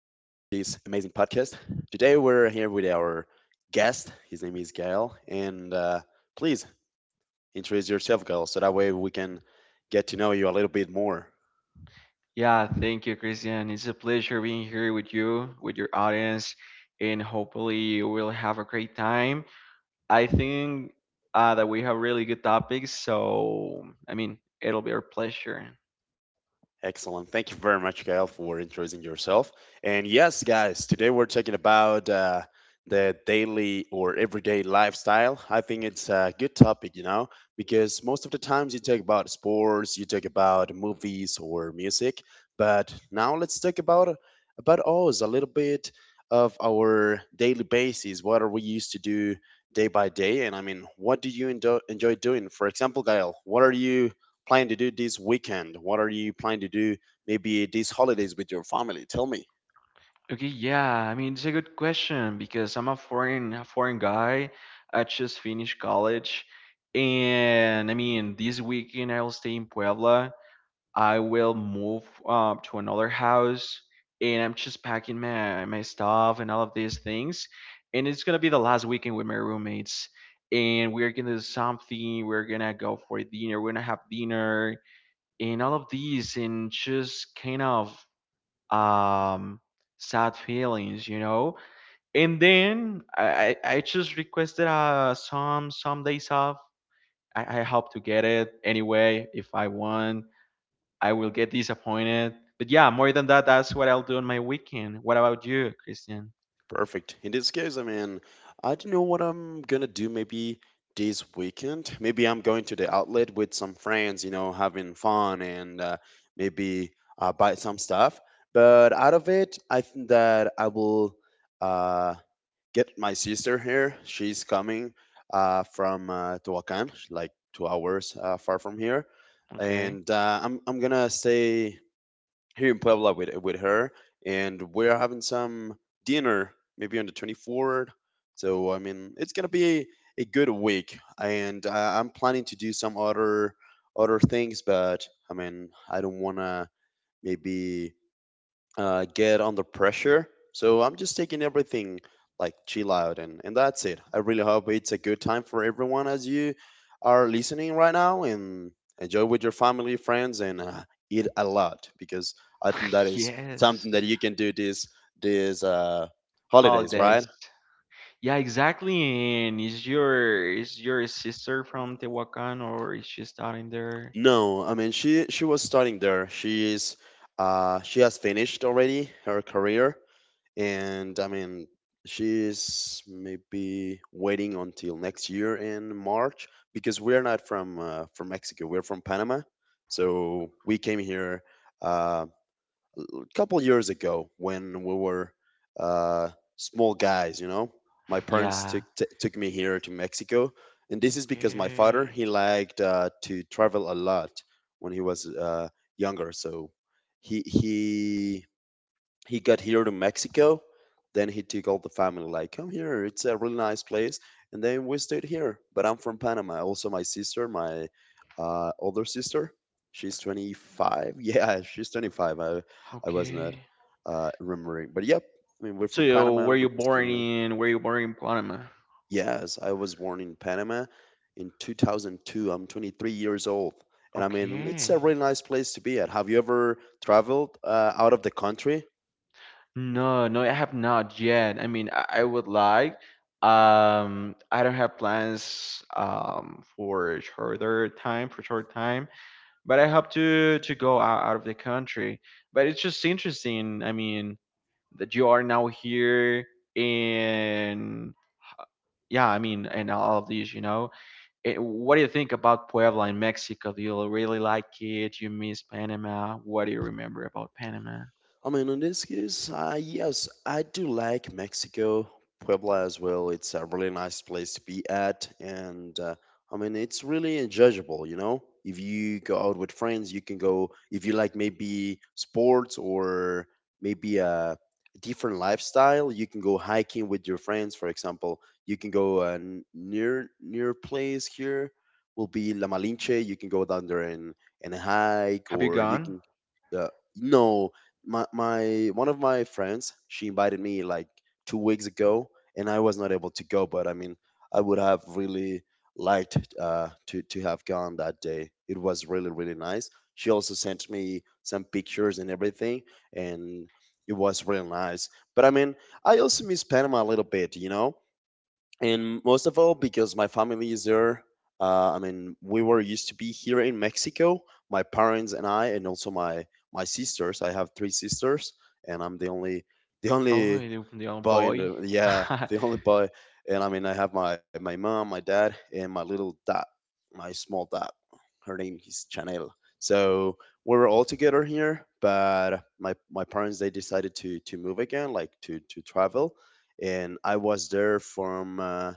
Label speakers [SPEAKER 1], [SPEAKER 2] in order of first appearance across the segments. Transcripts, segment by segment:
[SPEAKER 1] amazing podcast. Today, we're here with our guest. His name is Gael. And please introduce yourself, Gael, so that way we can get to know you a little bit more.
[SPEAKER 2] Yeah, thank you, Christian. It's a pleasure being here with you, with your audience, and hopefully you will have a great time. I think that we have really good topics, so I mean, it'll be our pleasure.
[SPEAKER 1] Excellent. Thank you very much, Gail, for introducing yourself. And yes, guys, today we're talking about the daily or everyday lifestyle. I think it's a good topic, you know, because most of the times you talk about sports, you talk about movies or music, but now let's talk about us a little bit of our daily basis. What are we used to do day by day? And I mean, what do you enjoy doing? For example, Gail, what are you? Plan to do this weekend? What are you planning to do maybe these holidays with your family? Tell me.
[SPEAKER 2] Okay, yeah, I mean, it's a good question because I'm a foreign guy. I just finished college, and I mean, this weekend I'll stay in Puebla. I will move to another house, and I'm just packing my stuff and all of these things. And it's gonna be the last weekend with my roommates. And we're gonna do something. We're gonna go for dinner. We're gonna have dinner and all of these, and just kind of um sad feelings. And then I just requested some days off. I hope to get it. Anyway, if I want, I will get disappointed. But yeah, more than that, that's what I'll do on my weekend. What about you, Christian?
[SPEAKER 1] Perfect. In this case, I mean, I don't know what I'm gonna do maybe this weekend. Maybe I'm going to the outlet with some friends, you know, having fun and maybe buy some stuff. But out of it, I think that I will uh, get my sister here. She's coming from Tehuacan, like 2 hours far from here.
[SPEAKER 2] Okay.
[SPEAKER 1] And I'm gonna stay here in Puebla with her, and we're having some dinner maybe on the 24th. So I mean, it's gonna be a good week, and I'm planning to do some other things, but I mean, I don't wanna maybe get under pressure. So I'm just taking everything like chill out and that's it. I really hope it's a good time for everyone as you are listening right now and enjoy with your family, friends, and eat a lot because I think that is something that
[SPEAKER 2] Yes.
[SPEAKER 1] you can do this holidays, right?
[SPEAKER 2] Holidays. Yeah, exactly. And is your sister from Tehuacan, or is she starting there?
[SPEAKER 1] No, I mean she was starting there. She has finished already her career and I mean she's maybe waiting until next year in March because we're not from Mexico. We're from Panama, so we came here uh, a couple years ago when we were uh, small guys. You know, my parents
[SPEAKER 2] Yeah.
[SPEAKER 1] took me here to Mexico, and this is because my father
[SPEAKER 2] Okay.
[SPEAKER 1] he liked to travel a lot when he was younger, so. He, he he got here to Mexico. Then he took all the family, like, come here, it's a really nice place. And then we stayed here. But I'm from Panama. Also, my sister, my older sister, she's 25. Yeah, she's 25. I was not
[SPEAKER 2] Okay.
[SPEAKER 1] remembering. But yep, I mean, we're from
[SPEAKER 2] So
[SPEAKER 1] Panama.
[SPEAKER 2] were
[SPEAKER 1] We
[SPEAKER 2] you
[SPEAKER 1] just came
[SPEAKER 2] born
[SPEAKER 1] here.
[SPEAKER 2] in were you born in Panama?
[SPEAKER 1] Yes, I was born in Panama in 2002. I'm 23 years old. And I mean,
[SPEAKER 2] Okay.
[SPEAKER 1] it's a really nice place to be at. Have you ever traveled out of the country?
[SPEAKER 2] No, no, I have not yet. I mean, I would like. I don't have plans for shorter time, for short time, but I hope to go out, out of the country. But it's just interesting. I mean, that you are now here in yeah, I mean, and all of these. Eh, what do you think about Puebla in Mexico? Do you really like it? You miss Panama? What do you remember about Panama?
[SPEAKER 1] I mean, in this case, yes, I do like Mexico, Puebla as well. It's a really nice place to be at, and I mean, it's really enjoyable. You know, if you go out with friends, you can go. If you like maybe sports or maybe a different lifestyle, you can go hiking with your friends. For example, you can go near place here will be La Malinche. You can go down there and hike,
[SPEAKER 2] Have you
[SPEAKER 1] or you
[SPEAKER 2] gone?
[SPEAKER 1] can uh, no, my my one of my friends she invited me like 2 weeks ago and I was not able to go, but I mean I would have really liked to have gone. That day it was really really nice. She also sent me some pictures and everything, and it was really nice. But I mean, I also miss Panama a little bit, you know, and most of all because my family is there. I mean, we were used to be here in Mexico, my parents and I, and also my sisters. I have three sisters and I'm the
[SPEAKER 2] Oh,
[SPEAKER 1] only
[SPEAKER 2] the young
[SPEAKER 1] boy in
[SPEAKER 2] boy.
[SPEAKER 1] the, yeah, the only boy. And I mean, I have my mom, my dad, and my little dot, my small dot. Her name is Chanel. So we were all together here, but my parents they decided to move again, like to travel. And I was there from uh,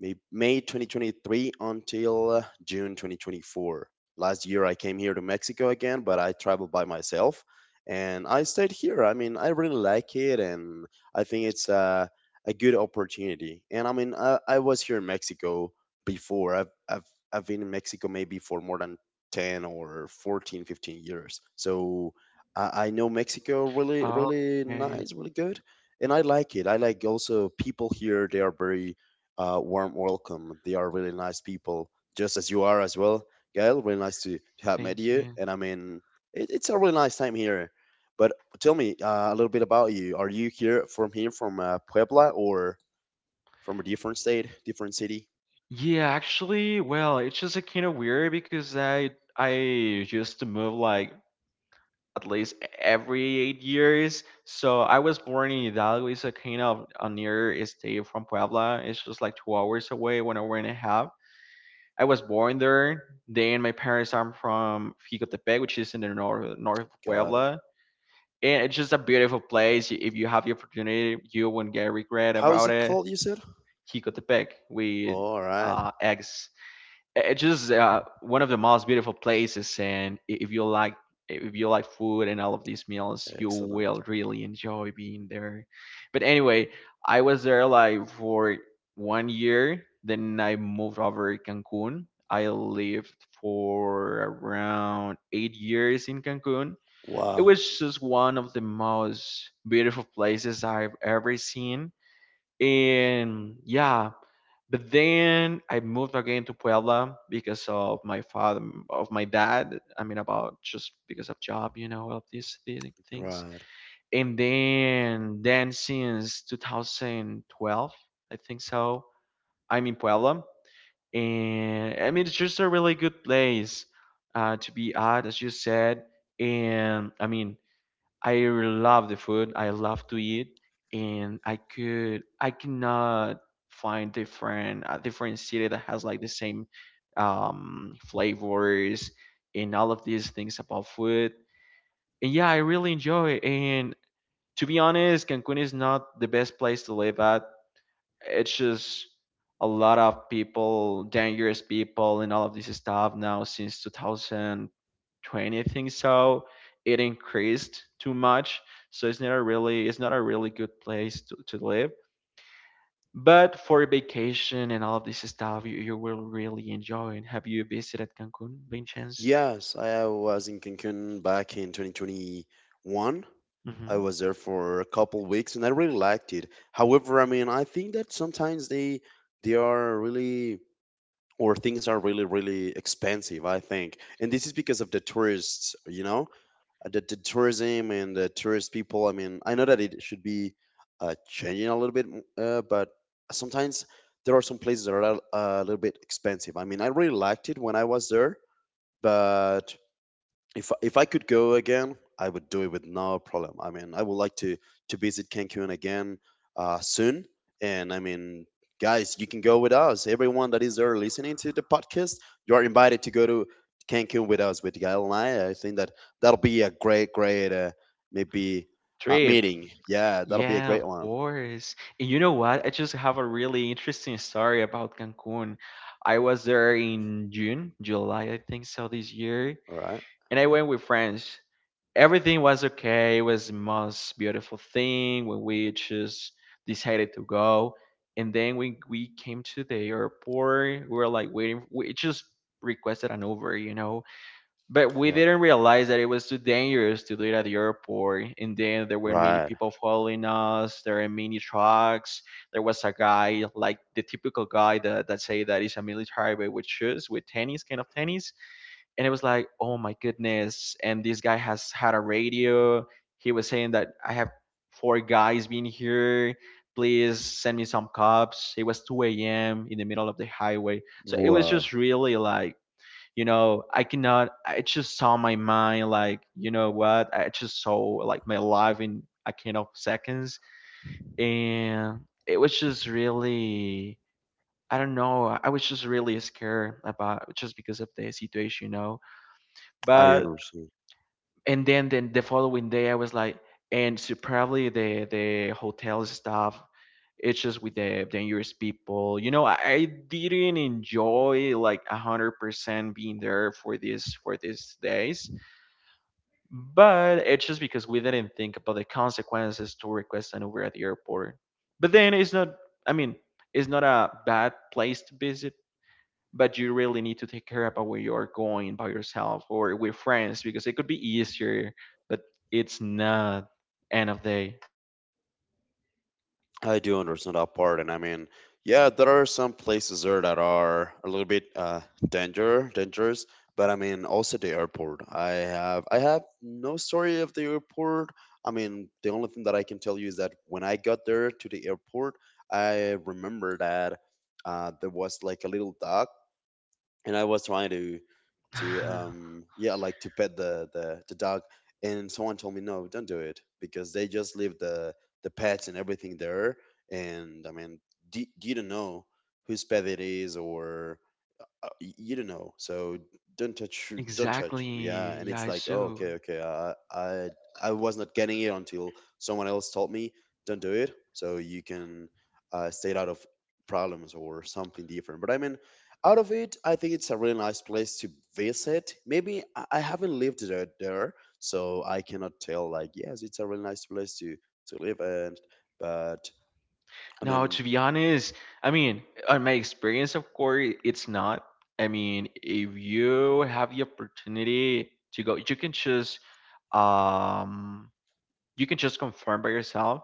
[SPEAKER 1] May, May 2023 until June 2024. Last year I came here to Mexico again, but I traveled by myself and I stayed here. I mean, I really like it and I think it's a good opportunity. And I mean, I was here in Mexico before. I've been in Mexico maybe for more than 10 or 14, 15 years. So I know Mexico really, really
[SPEAKER 2] Okay,
[SPEAKER 1] nice, really good. And I like it. I like also people here. They are very warm welcome. They are really nice people, just as you are as well, Gail. Really nice to have met
[SPEAKER 2] thank
[SPEAKER 1] you,
[SPEAKER 2] you.
[SPEAKER 1] and I mean, it's a really nice time here. But tell me a little bit about you. Are you here from Puebla or from a different state, different city?
[SPEAKER 2] Yeah, actually, well, it's just like kind of weird because I used to move like at least every 8 years. So I was born in Hidalgo. It's a kind of a near state from Puebla. It's just like 2 hours away, 1 hour and a half. I was born there. Then my parents are from Jicotepec, which is in the north of
[SPEAKER 1] Got it.
[SPEAKER 2] Puebla. And it's just a beautiful place. If you have the opportunity, you won't get regret
[SPEAKER 1] How is
[SPEAKER 2] about
[SPEAKER 1] it
[SPEAKER 2] it.
[SPEAKER 1] called? You said.
[SPEAKER 2] Jicotepec with
[SPEAKER 1] All right.
[SPEAKER 2] eggs. It's just one of the most beautiful places, and if you like food and all of these meals, you
[SPEAKER 1] Excellent.
[SPEAKER 2] will really enjoy being there. But anyway, I was there like for 1 year. Then I moved over to Cancun. I lived for around 8 years in Cancun. It
[SPEAKER 1] Wow.
[SPEAKER 2] was just one of the most beautiful places I've ever seen. And yeah, but then I moved again to Puebla because of my father, of my dad. I mean, about just because of job, you know, all of these things.
[SPEAKER 1] Right.
[SPEAKER 2] And then since 2012, I think so, I'm in Puebla. And I mean, it's just a really good place to be at, as you said. And I mean, I love the food. I love to eat, and I cannot find different a different city that has like the same flavors and all of these things about food. And yeah, I really enjoy it. And to be honest, Cancun is not the best place to live at. It's just a lot of people, dangerous people, and all of this stuff now since 2020, I think so. It increased too much, so it's not a really good place to live. But for vacation and all of this stuff, you will really enjoy it. Have you visited Cancun, by chance?
[SPEAKER 1] Yes, I was in Cancun back in 2021. I
[SPEAKER 2] Hmm.
[SPEAKER 1] was there for a couple weeks and I really liked it. However, I mean, I think that sometimes they are really or things are really really expensive, I think. And this is because of the tourists, you know, the tourism and the tourist people. I mean, I know that it should be changing a little bit, but sometimes there are some places that are a little bit expensive. I mean, I really liked it when I was there, but if I could go again, I would do it with no problem. I mean, I would like to visit Cancun again soon. And I mean, guys, you can go with us. Everyone that is there listening to the podcast, you are invited to go to Cancun with us, with Gail and I. I think that that'll be a great, great maybe
[SPEAKER 2] Trip.
[SPEAKER 1] meeting. Yeah, that'll be a
[SPEAKER 2] Yeah, of
[SPEAKER 1] great one.
[SPEAKER 2] course. And you know what? I just have a really interesting story about Cancun. I was there in June, July, I think so, this year,
[SPEAKER 1] All right,
[SPEAKER 2] and I went with friends. Everything was okay. It was the most beautiful thing when we just decided to go. And then when we came to the airport, we were like waiting. We just requested an Uber, you know, but we
[SPEAKER 1] right,
[SPEAKER 2] didn't realize that it was too dangerous to do it at the airport. And then there were many
[SPEAKER 1] right.
[SPEAKER 2] people following us. There were many trucks. There was a guy, like the typical guy that, that say that he's a military but with shoes, with tennis, kind of tennis. And it was like, oh my goodness. And this guy has had a radio. He was saying that I have four guys been here. Please send me some cops. It was 2 a.m. in the middle of the highway. So it was just
[SPEAKER 1] Wow,
[SPEAKER 2] really like, you know, I cannot. I just saw my mind, like, you know what, I just saw like my life in a kind of seconds. And it was just really, I don't know, I was just really scared about, just because of the situation, you know.
[SPEAKER 1] I
[SPEAKER 2] But,
[SPEAKER 1] understand.
[SPEAKER 2] and then, the following day I was like, and so probably the hotel staff, it's just with the dangerous people, you know. I didn't enjoy like 100% being there for this for these days, but it's just because we didn't think about the consequences to request an Uber at the airport. But then it's not, I mean, it's not a bad place to visit, but you really need to take care about where you are going by yourself or with friends because it could be easier, but it's not end of day.
[SPEAKER 1] I do understand that part, and I mean, yeah, there are some places there that are a little bit dangerous, but I mean, also the airport. I have no story of the airport. I mean, the only thing that I can tell you is that when I got there to the airport, I remember that there was like a little dog and I was trying to yeah like to pet the dog. And someone told me, no, don't do it, because they just leave the pets and everything there. And I mean, you don't know whose pet it is or you don't know, so don't touch
[SPEAKER 2] Exactly.
[SPEAKER 1] him. Yeah, and
[SPEAKER 2] Yeah,
[SPEAKER 1] it's
[SPEAKER 2] I
[SPEAKER 1] like, oh, okay,
[SPEAKER 2] do.
[SPEAKER 1] I was not getting it until someone else told me don't do it, so you can stay out of problems or something different. But I mean, out of it, I think it's a really nice place to visit. Maybe I haven't lived there, so I cannot tell like, yes, it's a really nice place to live and but I
[SPEAKER 2] No,
[SPEAKER 1] mean,
[SPEAKER 2] to be honest, I mean, on my experience, of course, it's not. I mean, if you have the opportunity to go, um, you can just confirm by yourself.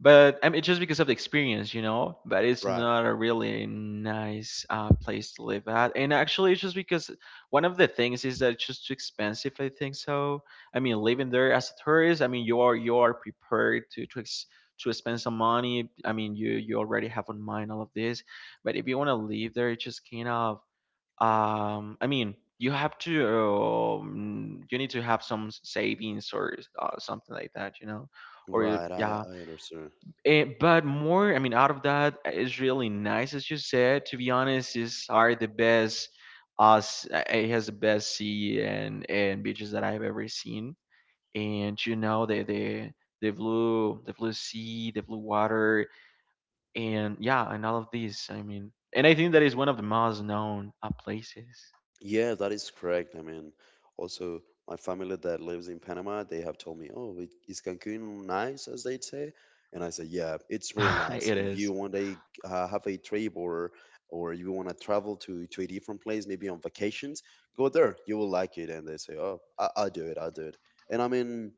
[SPEAKER 2] But I mean, just because of the experience, you know. But it's
[SPEAKER 1] right,
[SPEAKER 2] not a really nice place to live at. And actually, it's just because one of the things is that it's just too expensive. I think so. I mean, living there as a tourist, I mean, you are prepared to to spend some money. I mean, you already have on mind all of this. But if you want to live there, it's just kind of I mean, you have to, you need to have some savings, or something like that, you know, or you-
[SPEAKER 1] right, i
[SPEAKER 2] yeah.
[SPEAKER 1] i understand.
[SPEAKER 2] Eh, but more, I mean, out of that, is really nice, as you said. To be honest, is are the best us it has the best sea and beaches that I've ever seen. And you know the blue sea, the blue water, and yeah, and all of these. I mean, and I think that is one of the most known places.
[SPEAKER 1] Yeah, that is correct. I mean, also my family that lives in Panama, they have told me, "Oh, is Cancun nice?" as they say, and I say, "Yeah, it's really nice.
[SPEAKER 2] It
[SPEAKER 1] If
[SPEAKER 2] is.
[SPEAKER 1] you want to have a trip or you want to travel to a different place, maybe on vacations, go there. You will like it." And they say, "Oh, I'll do it. I'll do it." And I mean,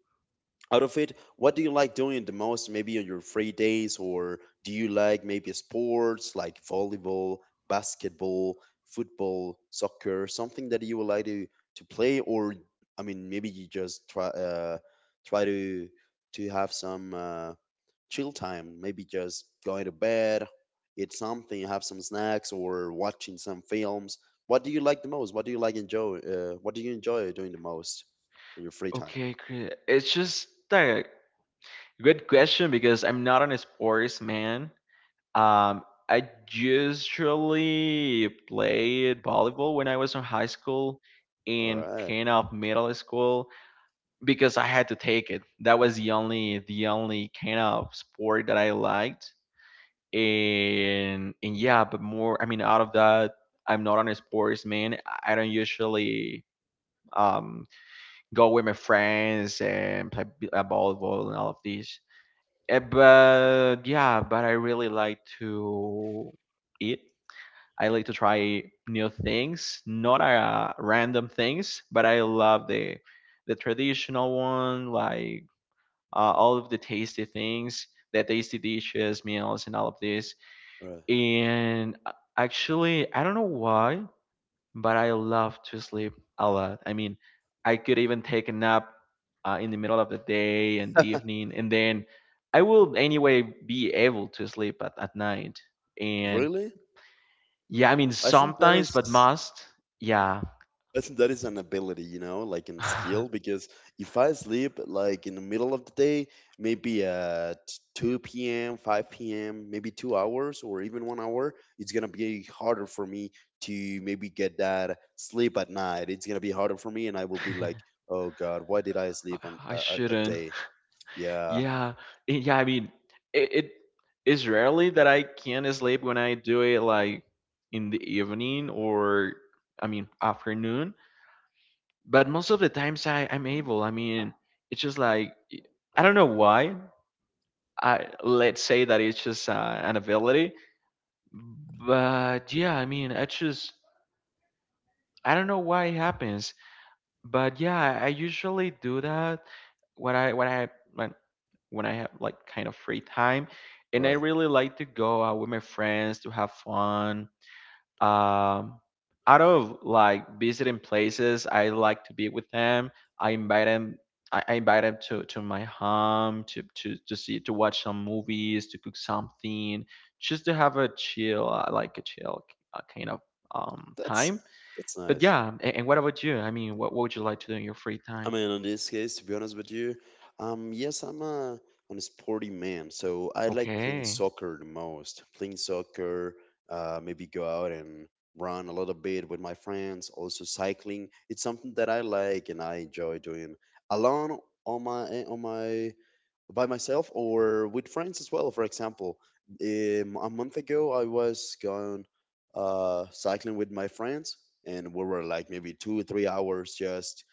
[SPEAKER 1] out of it, what do you like doing the most maybe on your free days? Or do you like maybe sports like volleyball, basketball, football, soccer, something that you would like to play? Or I mean, maybe you just try try to have some chill time, maybe just going to bed, eat something, have some snacks, or watching some films. What do you like the most? What do you enjoy doing the most on your free time?
[SPEAKER 2] Okay. It's just a good question because I'm not an sports man. Um, I usually played volleyball when I was in high school
[SPEAKER 1] All
[SPEAKER 2] and
[SPEAKER 1] right.
[SPEAKER 2] kind of middle school because I had to take it. That was the only kind of sport that I liked. And yeah, but more I mean out of that, I'm not a sportsman. I don't usually um go with my friends and play volleyball and all of these. Eh, but yeah, but I really like to eat. I like to try new things, not random things, but I love the traditional one, like all of the tasty things, the tasty dishes, meals, and all of this.
[SPEAKER 1] All right.
[SPEAKER 2] And actually, I don't know why, but I love to sleep a lot. I mean, I could even take a nap in the middle of the day and the evening, and then I will anyway be able to sleep at night. And
[SPEAKER 1] Really?
[SPEAKER 2] yeah, I mean
[SPEAKER 1] I think that
[SPEAKER 2] sometimes,
[SPEAKER 1] is
[SPEAKER 2] but must. Yeah.
[SPEAKER 1] I think that is an ability, you know, like in
[SPEAKER 2] I
[SPEAKER 1] skill, because if I sleep like in the middle of the day, maybe at 2 p.m., 5 p.m., maybe 2 hours or even 1 hour, it's going to be harder for me to maybe get that sleep at night. It's going to be harder for me and I will be like, "Oh god, why did I sleep on a,
[SPEAKER 2] I
[SPEAKER 1] a, a
[SPEAKER 2] shouldn't.
[SPEAKER 1] day?" Yeah,
[SPEAKER 2] Yeah. I- Yeah, I mean it is rarely that I can sleep when I do it like in the evening, or I mean afternoon, but most of the times I'm able. I mean, it's just like I don't know why. I let's say that it's just an ability, but yeah, I mean, I just I don't know why it happens. But yeah, I usually do that when when, when I have like kind of free time, and I
[SPEAKER 1] right.
[SPEAKER 2] really like to go out with my friends to have fun. Um, out of like visiting places, I like to be with them. I invite them. I invite them to my home to see to watch some movies, to cook something, just to have a chill, like a chill uh, kind of
[SPEAKER 1] That's
[SPEAKER 2] time.
[SPEAKER 1] that's
[SPEAKER 2] But
[SPEAKER 1] nice.
[SPEAKER 2] yeah, and what about you? I mean, what would you like to do in your free
[SPEAKER 1] I
[SPEAKER 2] time?
[SPEAKER 1] mean, in this case, to be honest with you, yes, I'm a sporty man, so I like playing
[SPEAKER 2] Okay.
[SPEAKER 1] soccer the most. Playing soccer, maybe go out and run a little bit with my friends. Also, cycling. It's something that I like and I enjoy doing alone on my eh, on my by myself or with friends as well. For example, a month ago, I was going cycling with my friends, and we were like maybe 2 or 3 hours just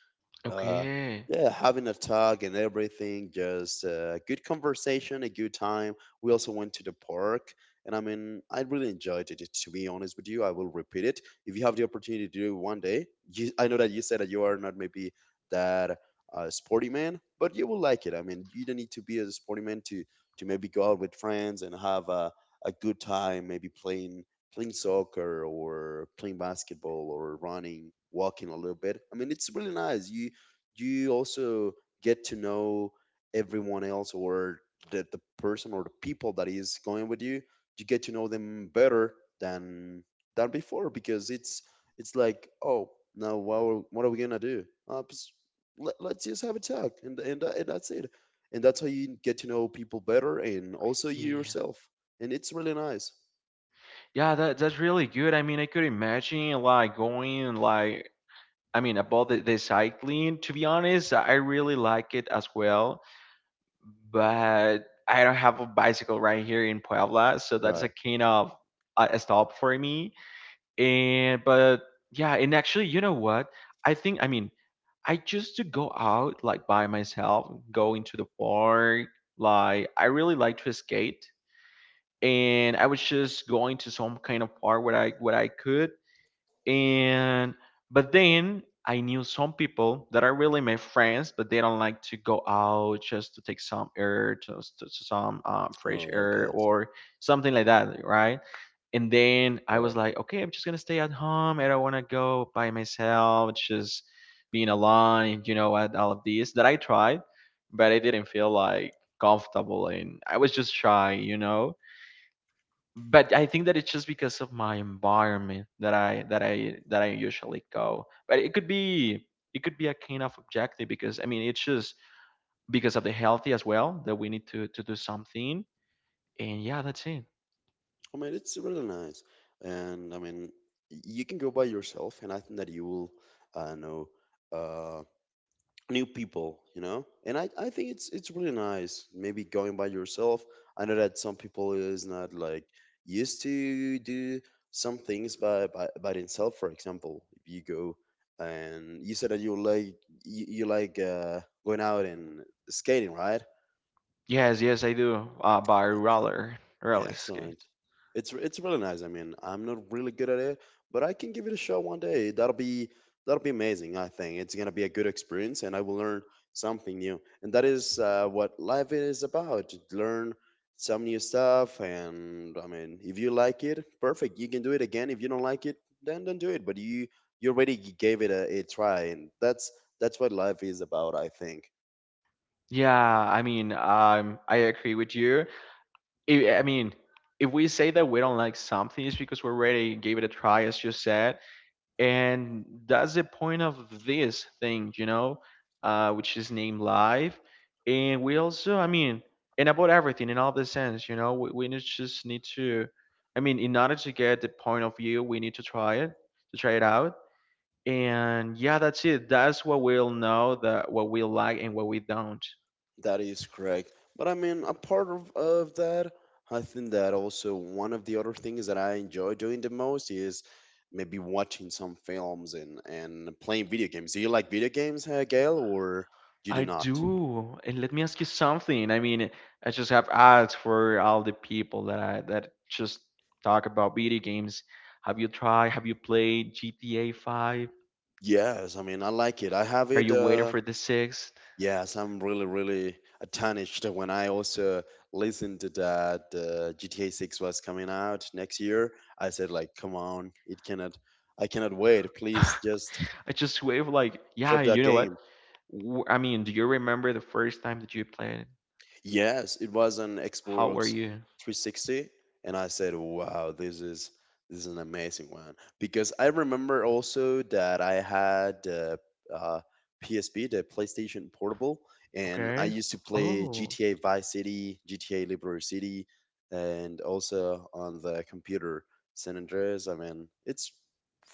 [SPEAKER 1] uh,
[SPEAKER 2] Okay.
[SPEAKER 1] yeah, having a talk and everything, just good conversation, a good time. We also went to the park, and I mean, I really enjoyed it. To be honest with you, I will repeat it. If you have the opportunity to do it one day, I know that you said that you are not maybe that sporty man, but you will like it. I mean, you don't need to be a sporty man to maybe go out with friends and have a good time, maybe playing soccer or playing basketball or running, walking a little bit. I mean, it's really nice. You also get to know everyone else, or the person or the people that is going with you. You get to know them better than than before, because it's like, oh, now what, what are we gonna do? Let's just have a talk, and that's it. And that's how you get to know people better, and also you
[SPEAKER 2] Yeah.
[SPEAKER 1] yourself. And it's really nice.
[SPEAKER 2] Yeah, that that's really good. I mean, I could imagine like going like. I mean, about the cycling, to be honest, I really like it as well, but I don't have a bicycle right here in Puebla, so that's a
[SPEAKER 1] Right.
[SPEAKER 2] kind of a stop for me. And but yeah. And actually, you know what, I think. I mean, I just to go out like by myself, go into the park. Like I really like to skate, and I was just going to some kind of park where I what I could. And But then I knew some people that are really my friends, but they don't like to go out just to take some air to some fresh
[SPEAKER 1] Oh, I
[SPEAKER 2] air
[SPEAKER 1] got.
[SPEAKER 2] or something like that, right? And then I was like, okay, I'm just gonna stay at home. I don't wanna go by myself, just being alone. And you know what, all of this that I tried, but I didn't feel like comfortable, and I was just shy, you know. But I think that it's just because of my environment that I usually go. But it could be a kind of objective, because I mean it's just because of the healthy as well, that we need to do something. And yeah, that's it.
[SPEAKER 1] I mean, it's really nice, and I mean, you can go by yourself, and I think that you will know uh, new people. And I think it's really nice. Maybe going by yourself. I know that some people is not like used to do some things by by themselves. For example, if you go and you said that you like going out and skating, right?
[SPEAKER 2] Yes, yes, I do. By roller
[SPEAKER 1] Yeah,
[SPEAKER 2] roller
[SPEAKER 1] excellent.
[SPEAKER 2] skate.
[SPEAKER 1] It's really nice. I mean, I'm not really good at it, but I can give it a shot one day. That'll be amazing. I think it's gonna be a good experience, and I will learn something new. And that is what life is about: to learn some new stuff. And I mean, if you like it, perfect. You can do it again. If you don't like it, then don't do it. But you already gave it a try, and that's what life is about, I think.
[SPEAKER 2] Yeah, I mean, I agree with you. I mean, if we say that we don't like something, it's because we already gave it a try, as you said, and that's the point of this thing, you know, which is named life. And we also, I mean, and about everything in all the sense, you know, we just need to, I mean, in order to get the point of view, we need to try it out. And yeah, that's it. That's what we'll know, that what we like and what we don't.
[SPEAKER 1] That is correct. But I mean, a part of that, I think that also one of the other things that I enjoy doing the most is maybe watching some films and playing video games. Do you like video games, Gail, or you
[SPEAKER 2] I
[SPEAKER 1] do not?
[SPEAKER 2] do. And let me ask you something. I mean, I just have asked for all the people that I that just talk about video games, have you tried, have you played GTA 5?
[SPEAKER 1] Yes, I mean, I like it. I have
[SPEAKER 2] Are
[SPEAKER 1] it.
[SPEAKER 2] you waiting
[SPEAKER 1] Uh,
[SPEAKER 2] for the sixth?
[SPEAKER 1] yes, I'm really, really astonished when I also listened to that GTA 6 was coming out next year. I said, like, come on, it cannot, I cannot wait. Please just
[SPEAKER 2] I just wave like, yeah,
[SPEAKER 1] drop that
[SPEAKER 2] you know what.
[SPEAKER 1] game.
[SPEAKER 2] I mean, do you remember the first time that you played?
[SPEAKER 1] Yes, it was an
[SPEAKER 2] How were
[SPEAKER 1] Xbox
[SPEAKER 2] you?
[SPEAKER 1] 360, and I said, "Wow, this is an amazing one." Because I remember also that I had uh, PSP, the PlayStation Portable, and I
[SPEAKER 2] Okay.
[SPEAKER 1] used to play
[SPEAKER 2] Oh.
[SPEAKER 1] GTA Vice City, GTA Liberty City, and also on the computer San Andreas. I mean, it's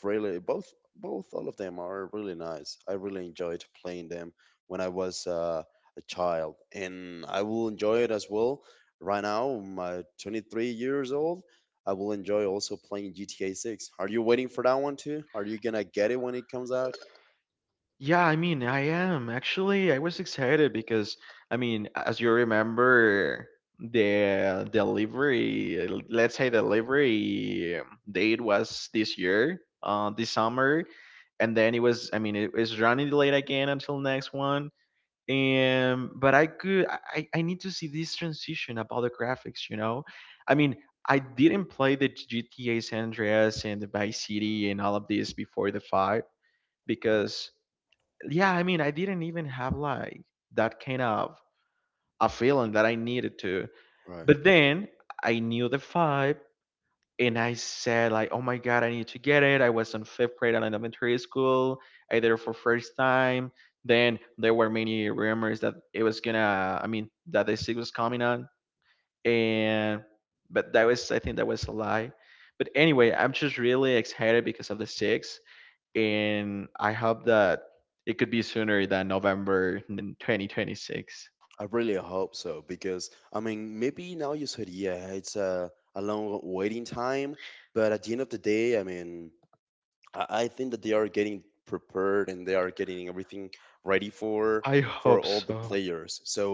[SPEAKER 1] really both both all of them are really nice. I really enjoyed playing them when I was a child, and I will enjoy it as well right now. My 23 years old, I will enjoy also playing GTA 6. Are you waiting for that one too? Are you gonna get it when it comes out?
[SPEAKER 2] Yeah, I mean, I am, actually. I was excited because, I mean, as you remember, the delivery, let's say delivery date was this year, this summer, and then it was. I mean, it was running late again until next one. And but I could, I need to see this transition about the graphics. You know, I mean. I didn't play the GTA San Andreas and the Vice City and all of this before the five,
[SPEAKER 1] Right.
[SPEAKER 2] because yeah, I mean, I didn't even have like that kind of a feeling that I needed to.
[SPEAKER 1] Right.
[SPEAKER 2] But then I knew the vibe, and I said like, oh my God, I need to get it. I was in fifth grade in elementary school. I did it for first time. Then there were many rumors that it was gonna, I mean that the sig was coming on. And but that was, I think that was a lie. But anyway, I'm just really excited because of the sig. And I hope that it could be sooner than November in 2026.
[SPEAKER 1] I really hope so, because, I mean, maybe now you said, yeah, it's a long waiting time, but at the end of the day, I mean, I think that they are getting prepared and they are getting everything ready for
[SPEAKER 2] I
[SPEAKER 1] for
[SPEAKER 2] hope
[SPEAKER 1] all the
[SPEAKER 2] so.
[SPEAKER 1] players. So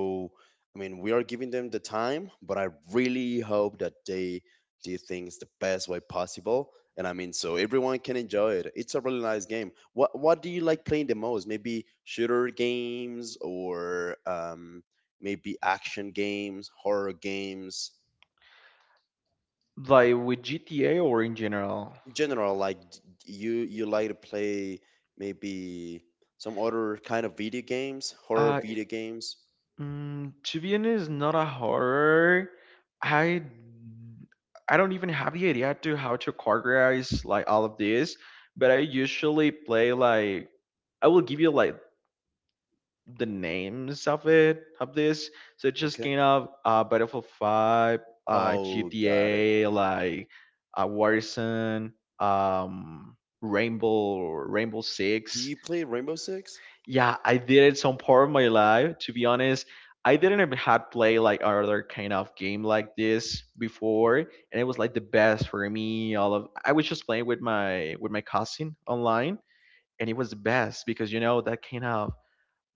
[SPEAKER 1] I mean, we are giving them the time, but I really hope that they do things the best way possible. And I mean, so everyone can enjoy it. It's a really nice game. What do you like playing the most? Maybe shooter games or maybe action games, horror games.
[SPEAKER 2] Like with GTA or in general?
[SPEAKER 1] General, like, you like to play maybe some other kind of video games, horror
[SPEAKER 2] Uh,
[SPEAKER 1] video games.
[SPEAKER 2] to be honest, not a horror. I don't even have the idea to how to categorize like all of this, but I usually play like, I will give you like the names of it of this. So it's just
[SPEAKER 1] Okay.
[SPEAKER 2] kind of Battlefield 5,
[SPEAKER 1] Oh, got it.
[SPEAKER 2] GTA like, Warzone, um Rainbow
[SPEAKER 1] Do
[SPEAKER 2] Six.
[SPEAKER 1] you play Rainbow Six?
[SPEAKER 2] Yeah, I did it some part of my life, to be honest. I didn't ever had play like other kind of game like this before. And it was like the best for me. All of, I was just playing with my cousin online, and it was the best because you know that kind of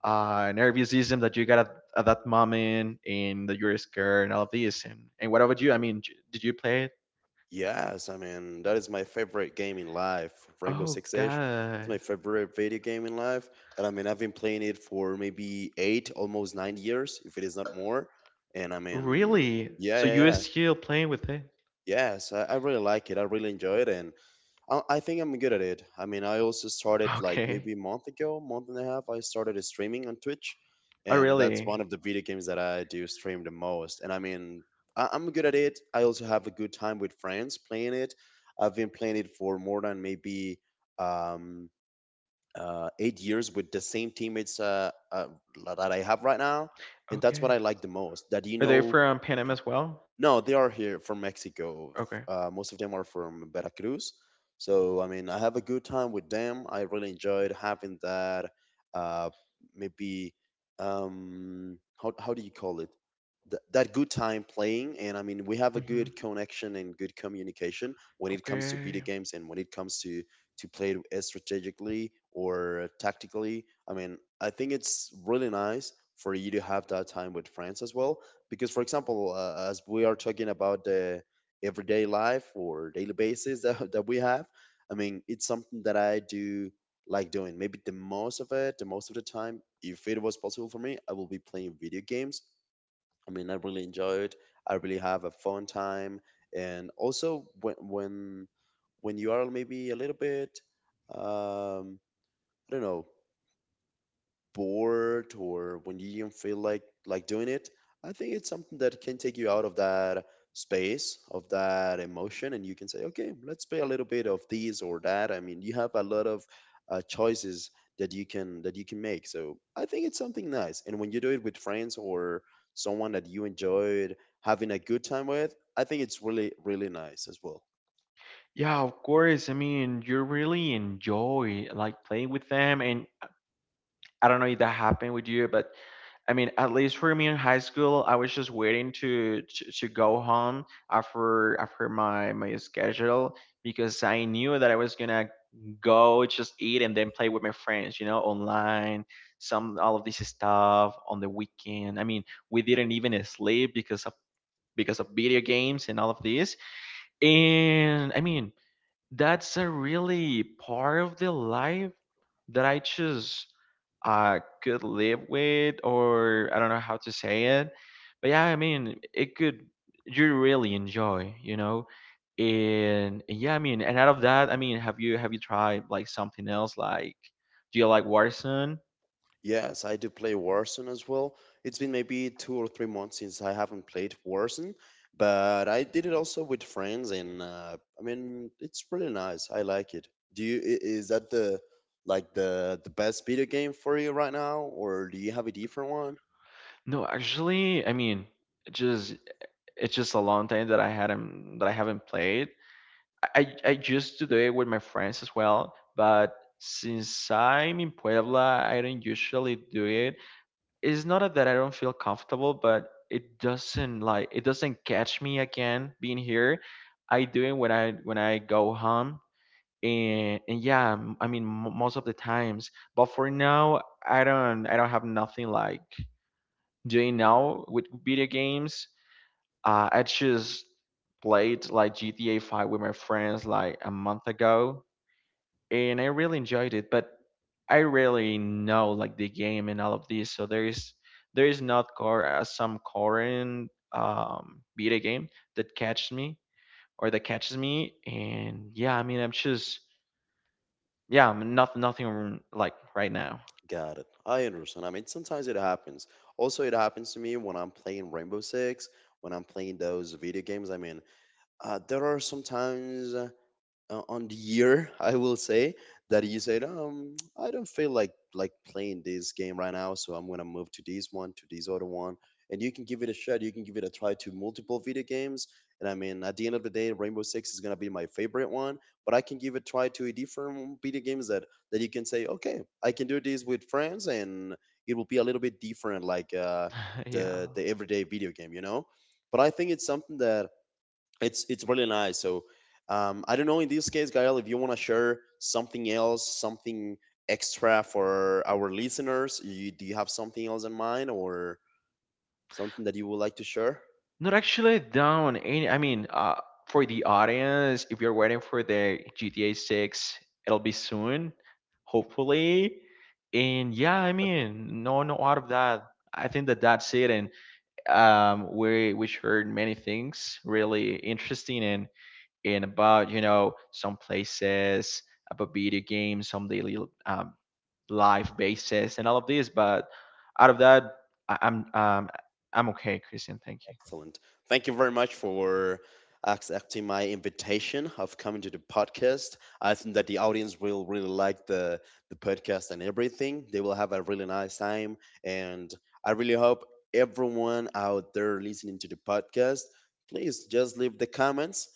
[SPEAKER 2] nervous system that you got at that moment, and that you're scared and all of this. And what about you? I mean, did you play it?
[SPEAKER 1] Yes, I mean that is my favorite game in life. Rainbow
[SPEAKER 2] Oh,
[SPEAKER 1] Six Siege. It's my
[SPEAKER 2] God.
[SPEAKER 1] favorite video game in life, and I mean I've been playing it for maybe 8, almost 9 years, if it is not more. And I mean,
[SPEAKER 2] Really?
[SPEAKER 1] yeah,
[SPEAKER 2] So
[SPEAKER 1] yeah,
[SPEAKER 2] you are
[SPEAKER 1] yeah.
[SPEAKER 2] still playing with it?
[SPEAKER 1] Yes, I really like it. I really enjoy it, and I think I'm good at it. I mean, I also started like
[SPEAKER 2] Okay.
[SPEAKER 1] maybe a month ago, month and a half. I started streaming on Twitch,
[SPEAKER 2] Oh,
[SPEAKER 1] and that's one
[SPEAKER 2] really?
[SPEAKER 1] of the video games that I do stream the most. And I mean, I'm good at it. I also have a good time with friends playing it. I've been playing it for more than maybe um, 8 years with the same teammates that I have right now, and that's
[SPEAKER 2] Okay.
[SPEAKER 1] what I like the most. That you
[SPEAKER 2] Are they
[SPEAKER 1] know
[SPEAKER 2] from Panama as well?
[SPEAKER 1] No, they are here from Mexico. F-
[SPEAKER 2] Okay.
[SPEAKER 1] Uh, most of them are from Veracruz. So, I mean, I have a good time with them. I really enjoyed having that. Uh, maybe, how do you call it? That good time playing. And I mean, we have a
[SPEAKER 2] Mm-hmm.
[SPEAKER 1] good connection and good communication when it comes to
[SPEAKER 2] Okay.
[SPEAKER 1] video games and when it comes to play it strategically or tactically. I mean, I think it's really nice for you to have that time with friends as well because, for example, as we are talking about the everyday life or daily basis that we have. I mean it's something that I do like doing maybe the most of the time. If it was possible for me, I will be playing video games. I mean, I really enjoy it. I really have a fun time. And also when you are maybe a little bit, um I don't know, bored, or when you don't feel like doing it, I think it's something that can take you out of that space, of that emotion, and you can say, okay, let's play a little bit of this or that. I mean, you have a lot of choices that you can make. So I think it's something nice, and when you do it with friends or someone that you enjoyed having a good time with, I think it's really really nice as well.
[SPEAKER 2] Yeah, of course. I mean, you really enjoy like playing with them. And I don't know if that happened with you, but I mean, at least for me in high school, I was just waiting to go home after my schedule, because I knew that I was gonna go just eat and then play with my friends, you know, online, some all of this stuff on the weekend. I mean, we didn't even sleep because of video games and all of this. And I mean, that's a really part of the life that I just could live with, or I don't know how to say it. But yeah, I mean, it could, you really enjoy, you know? And yeah, I mean, and out of that, I mean, have you tried like something else? Like, do you like Warzone?
[SPEAKER 1] Yes, I do play Warzone as well. It's been maybe 2 or 3 months since I haven't played Warzone, but I did it also with friends, and I mean, it's pretty nice. I like it. Is that the, like, the best video game for you right now, or do you have a different one?
[SPEAKER 2] No, actually, I mean, it just it's just a long time that I hadn't that I haven't played. I used to do it with my friends as well, but since I'm in Puebla, I don't usually do it. It's not that I don't feel comfortable, but it doesn't catch me again being here. I do it when I go home, and yeah, I mean most of the times. But for now, I don't have nothing like doing now with video games. I just played like GTA 5 with my friends like a month ago, and I really enjoyed it, but I really know like the game and all of this. So there is not core some current beta game that catches me, and yeah, I mean, I'm just yeah, I'm not nothing like right now.
[SPEAKER 1] Got it. I understand. I mean, sometimes it happens. Also, it happens to me when I'm playing Rainbow Six, when I'm playing those video games. I mean, there are sometimes. On the year I will say that you said, I don't feel like playing this game right now, so I'm gonna move to this one, to this other one, and you can give it a shot, you can give it a try to multiple video games. And I mean, at the end of the day, Rainbow Six is gonna be my favorite one, but I can give a try to a different video games that you can say, okay, I can do this with friends, and it will be a little bit different, like, the
[SPEAKER 2] Yeah.
[SPEAKER 1] the everyday video game. But I think it's something that it's really nice. So I don't know, in this case, Gael, if you want to share something else, something extra for our listeners, do you have something else in mind or something that you would like to share?
[SPEAKER 2] Not actually down any. I mean, for the audience, if you're waiting for the GTA 6, it'll be soon, hopefully. And yeah, I mean, no, no, out of that. I think that that's it. And we heard many things really interesting, and about, you know, some places, about video games, some daily um, life basis, and all of this. But out of that, I, I'm um, I'm okay, Christian. Thank you.
[SPEAKER 1] Excellent. Thank you very much for accepting my invitation of coming to the podcast. I think that the audience will really like the podcast and everything. They will have a really nice time, and I really hope everyone out there listening to the podcast, please just leave the comments,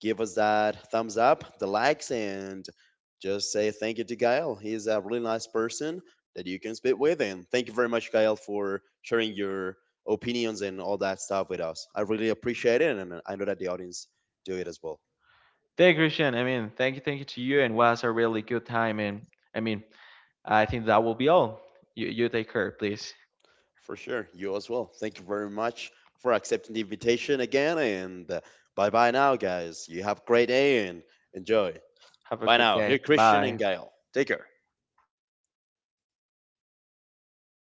[SPEAKER 1] give us that thumbs up, the likes, and just say thank you to Gael. He's a really nice person that you can speak with. And thank you very much, Gael, for sharing your opinions and all that stuff with us. I really appreciate it, and I know that the audience do it as well.
[SPEAKER 2] Thank you, Christian. I mean, thank you to you, and was a really good time. And I mean, I think that will be all. You take care, please.
[SPEAKER 1] For sure, you as well. Thank you very much for accepting the invitation again, and bye bye now, guys. You have a great day and enjoy.
[SPEAKER 2] Have a
[SPEAKER 1] Bye
[SPEAKER 2] good
[SPEAKER 1] now. Here,
[SPEAKER 2] day.
[SPEAKER 1] Christian and
[SPEAKER 2] Bye.
[SPEAKER 1] Gail. Take care.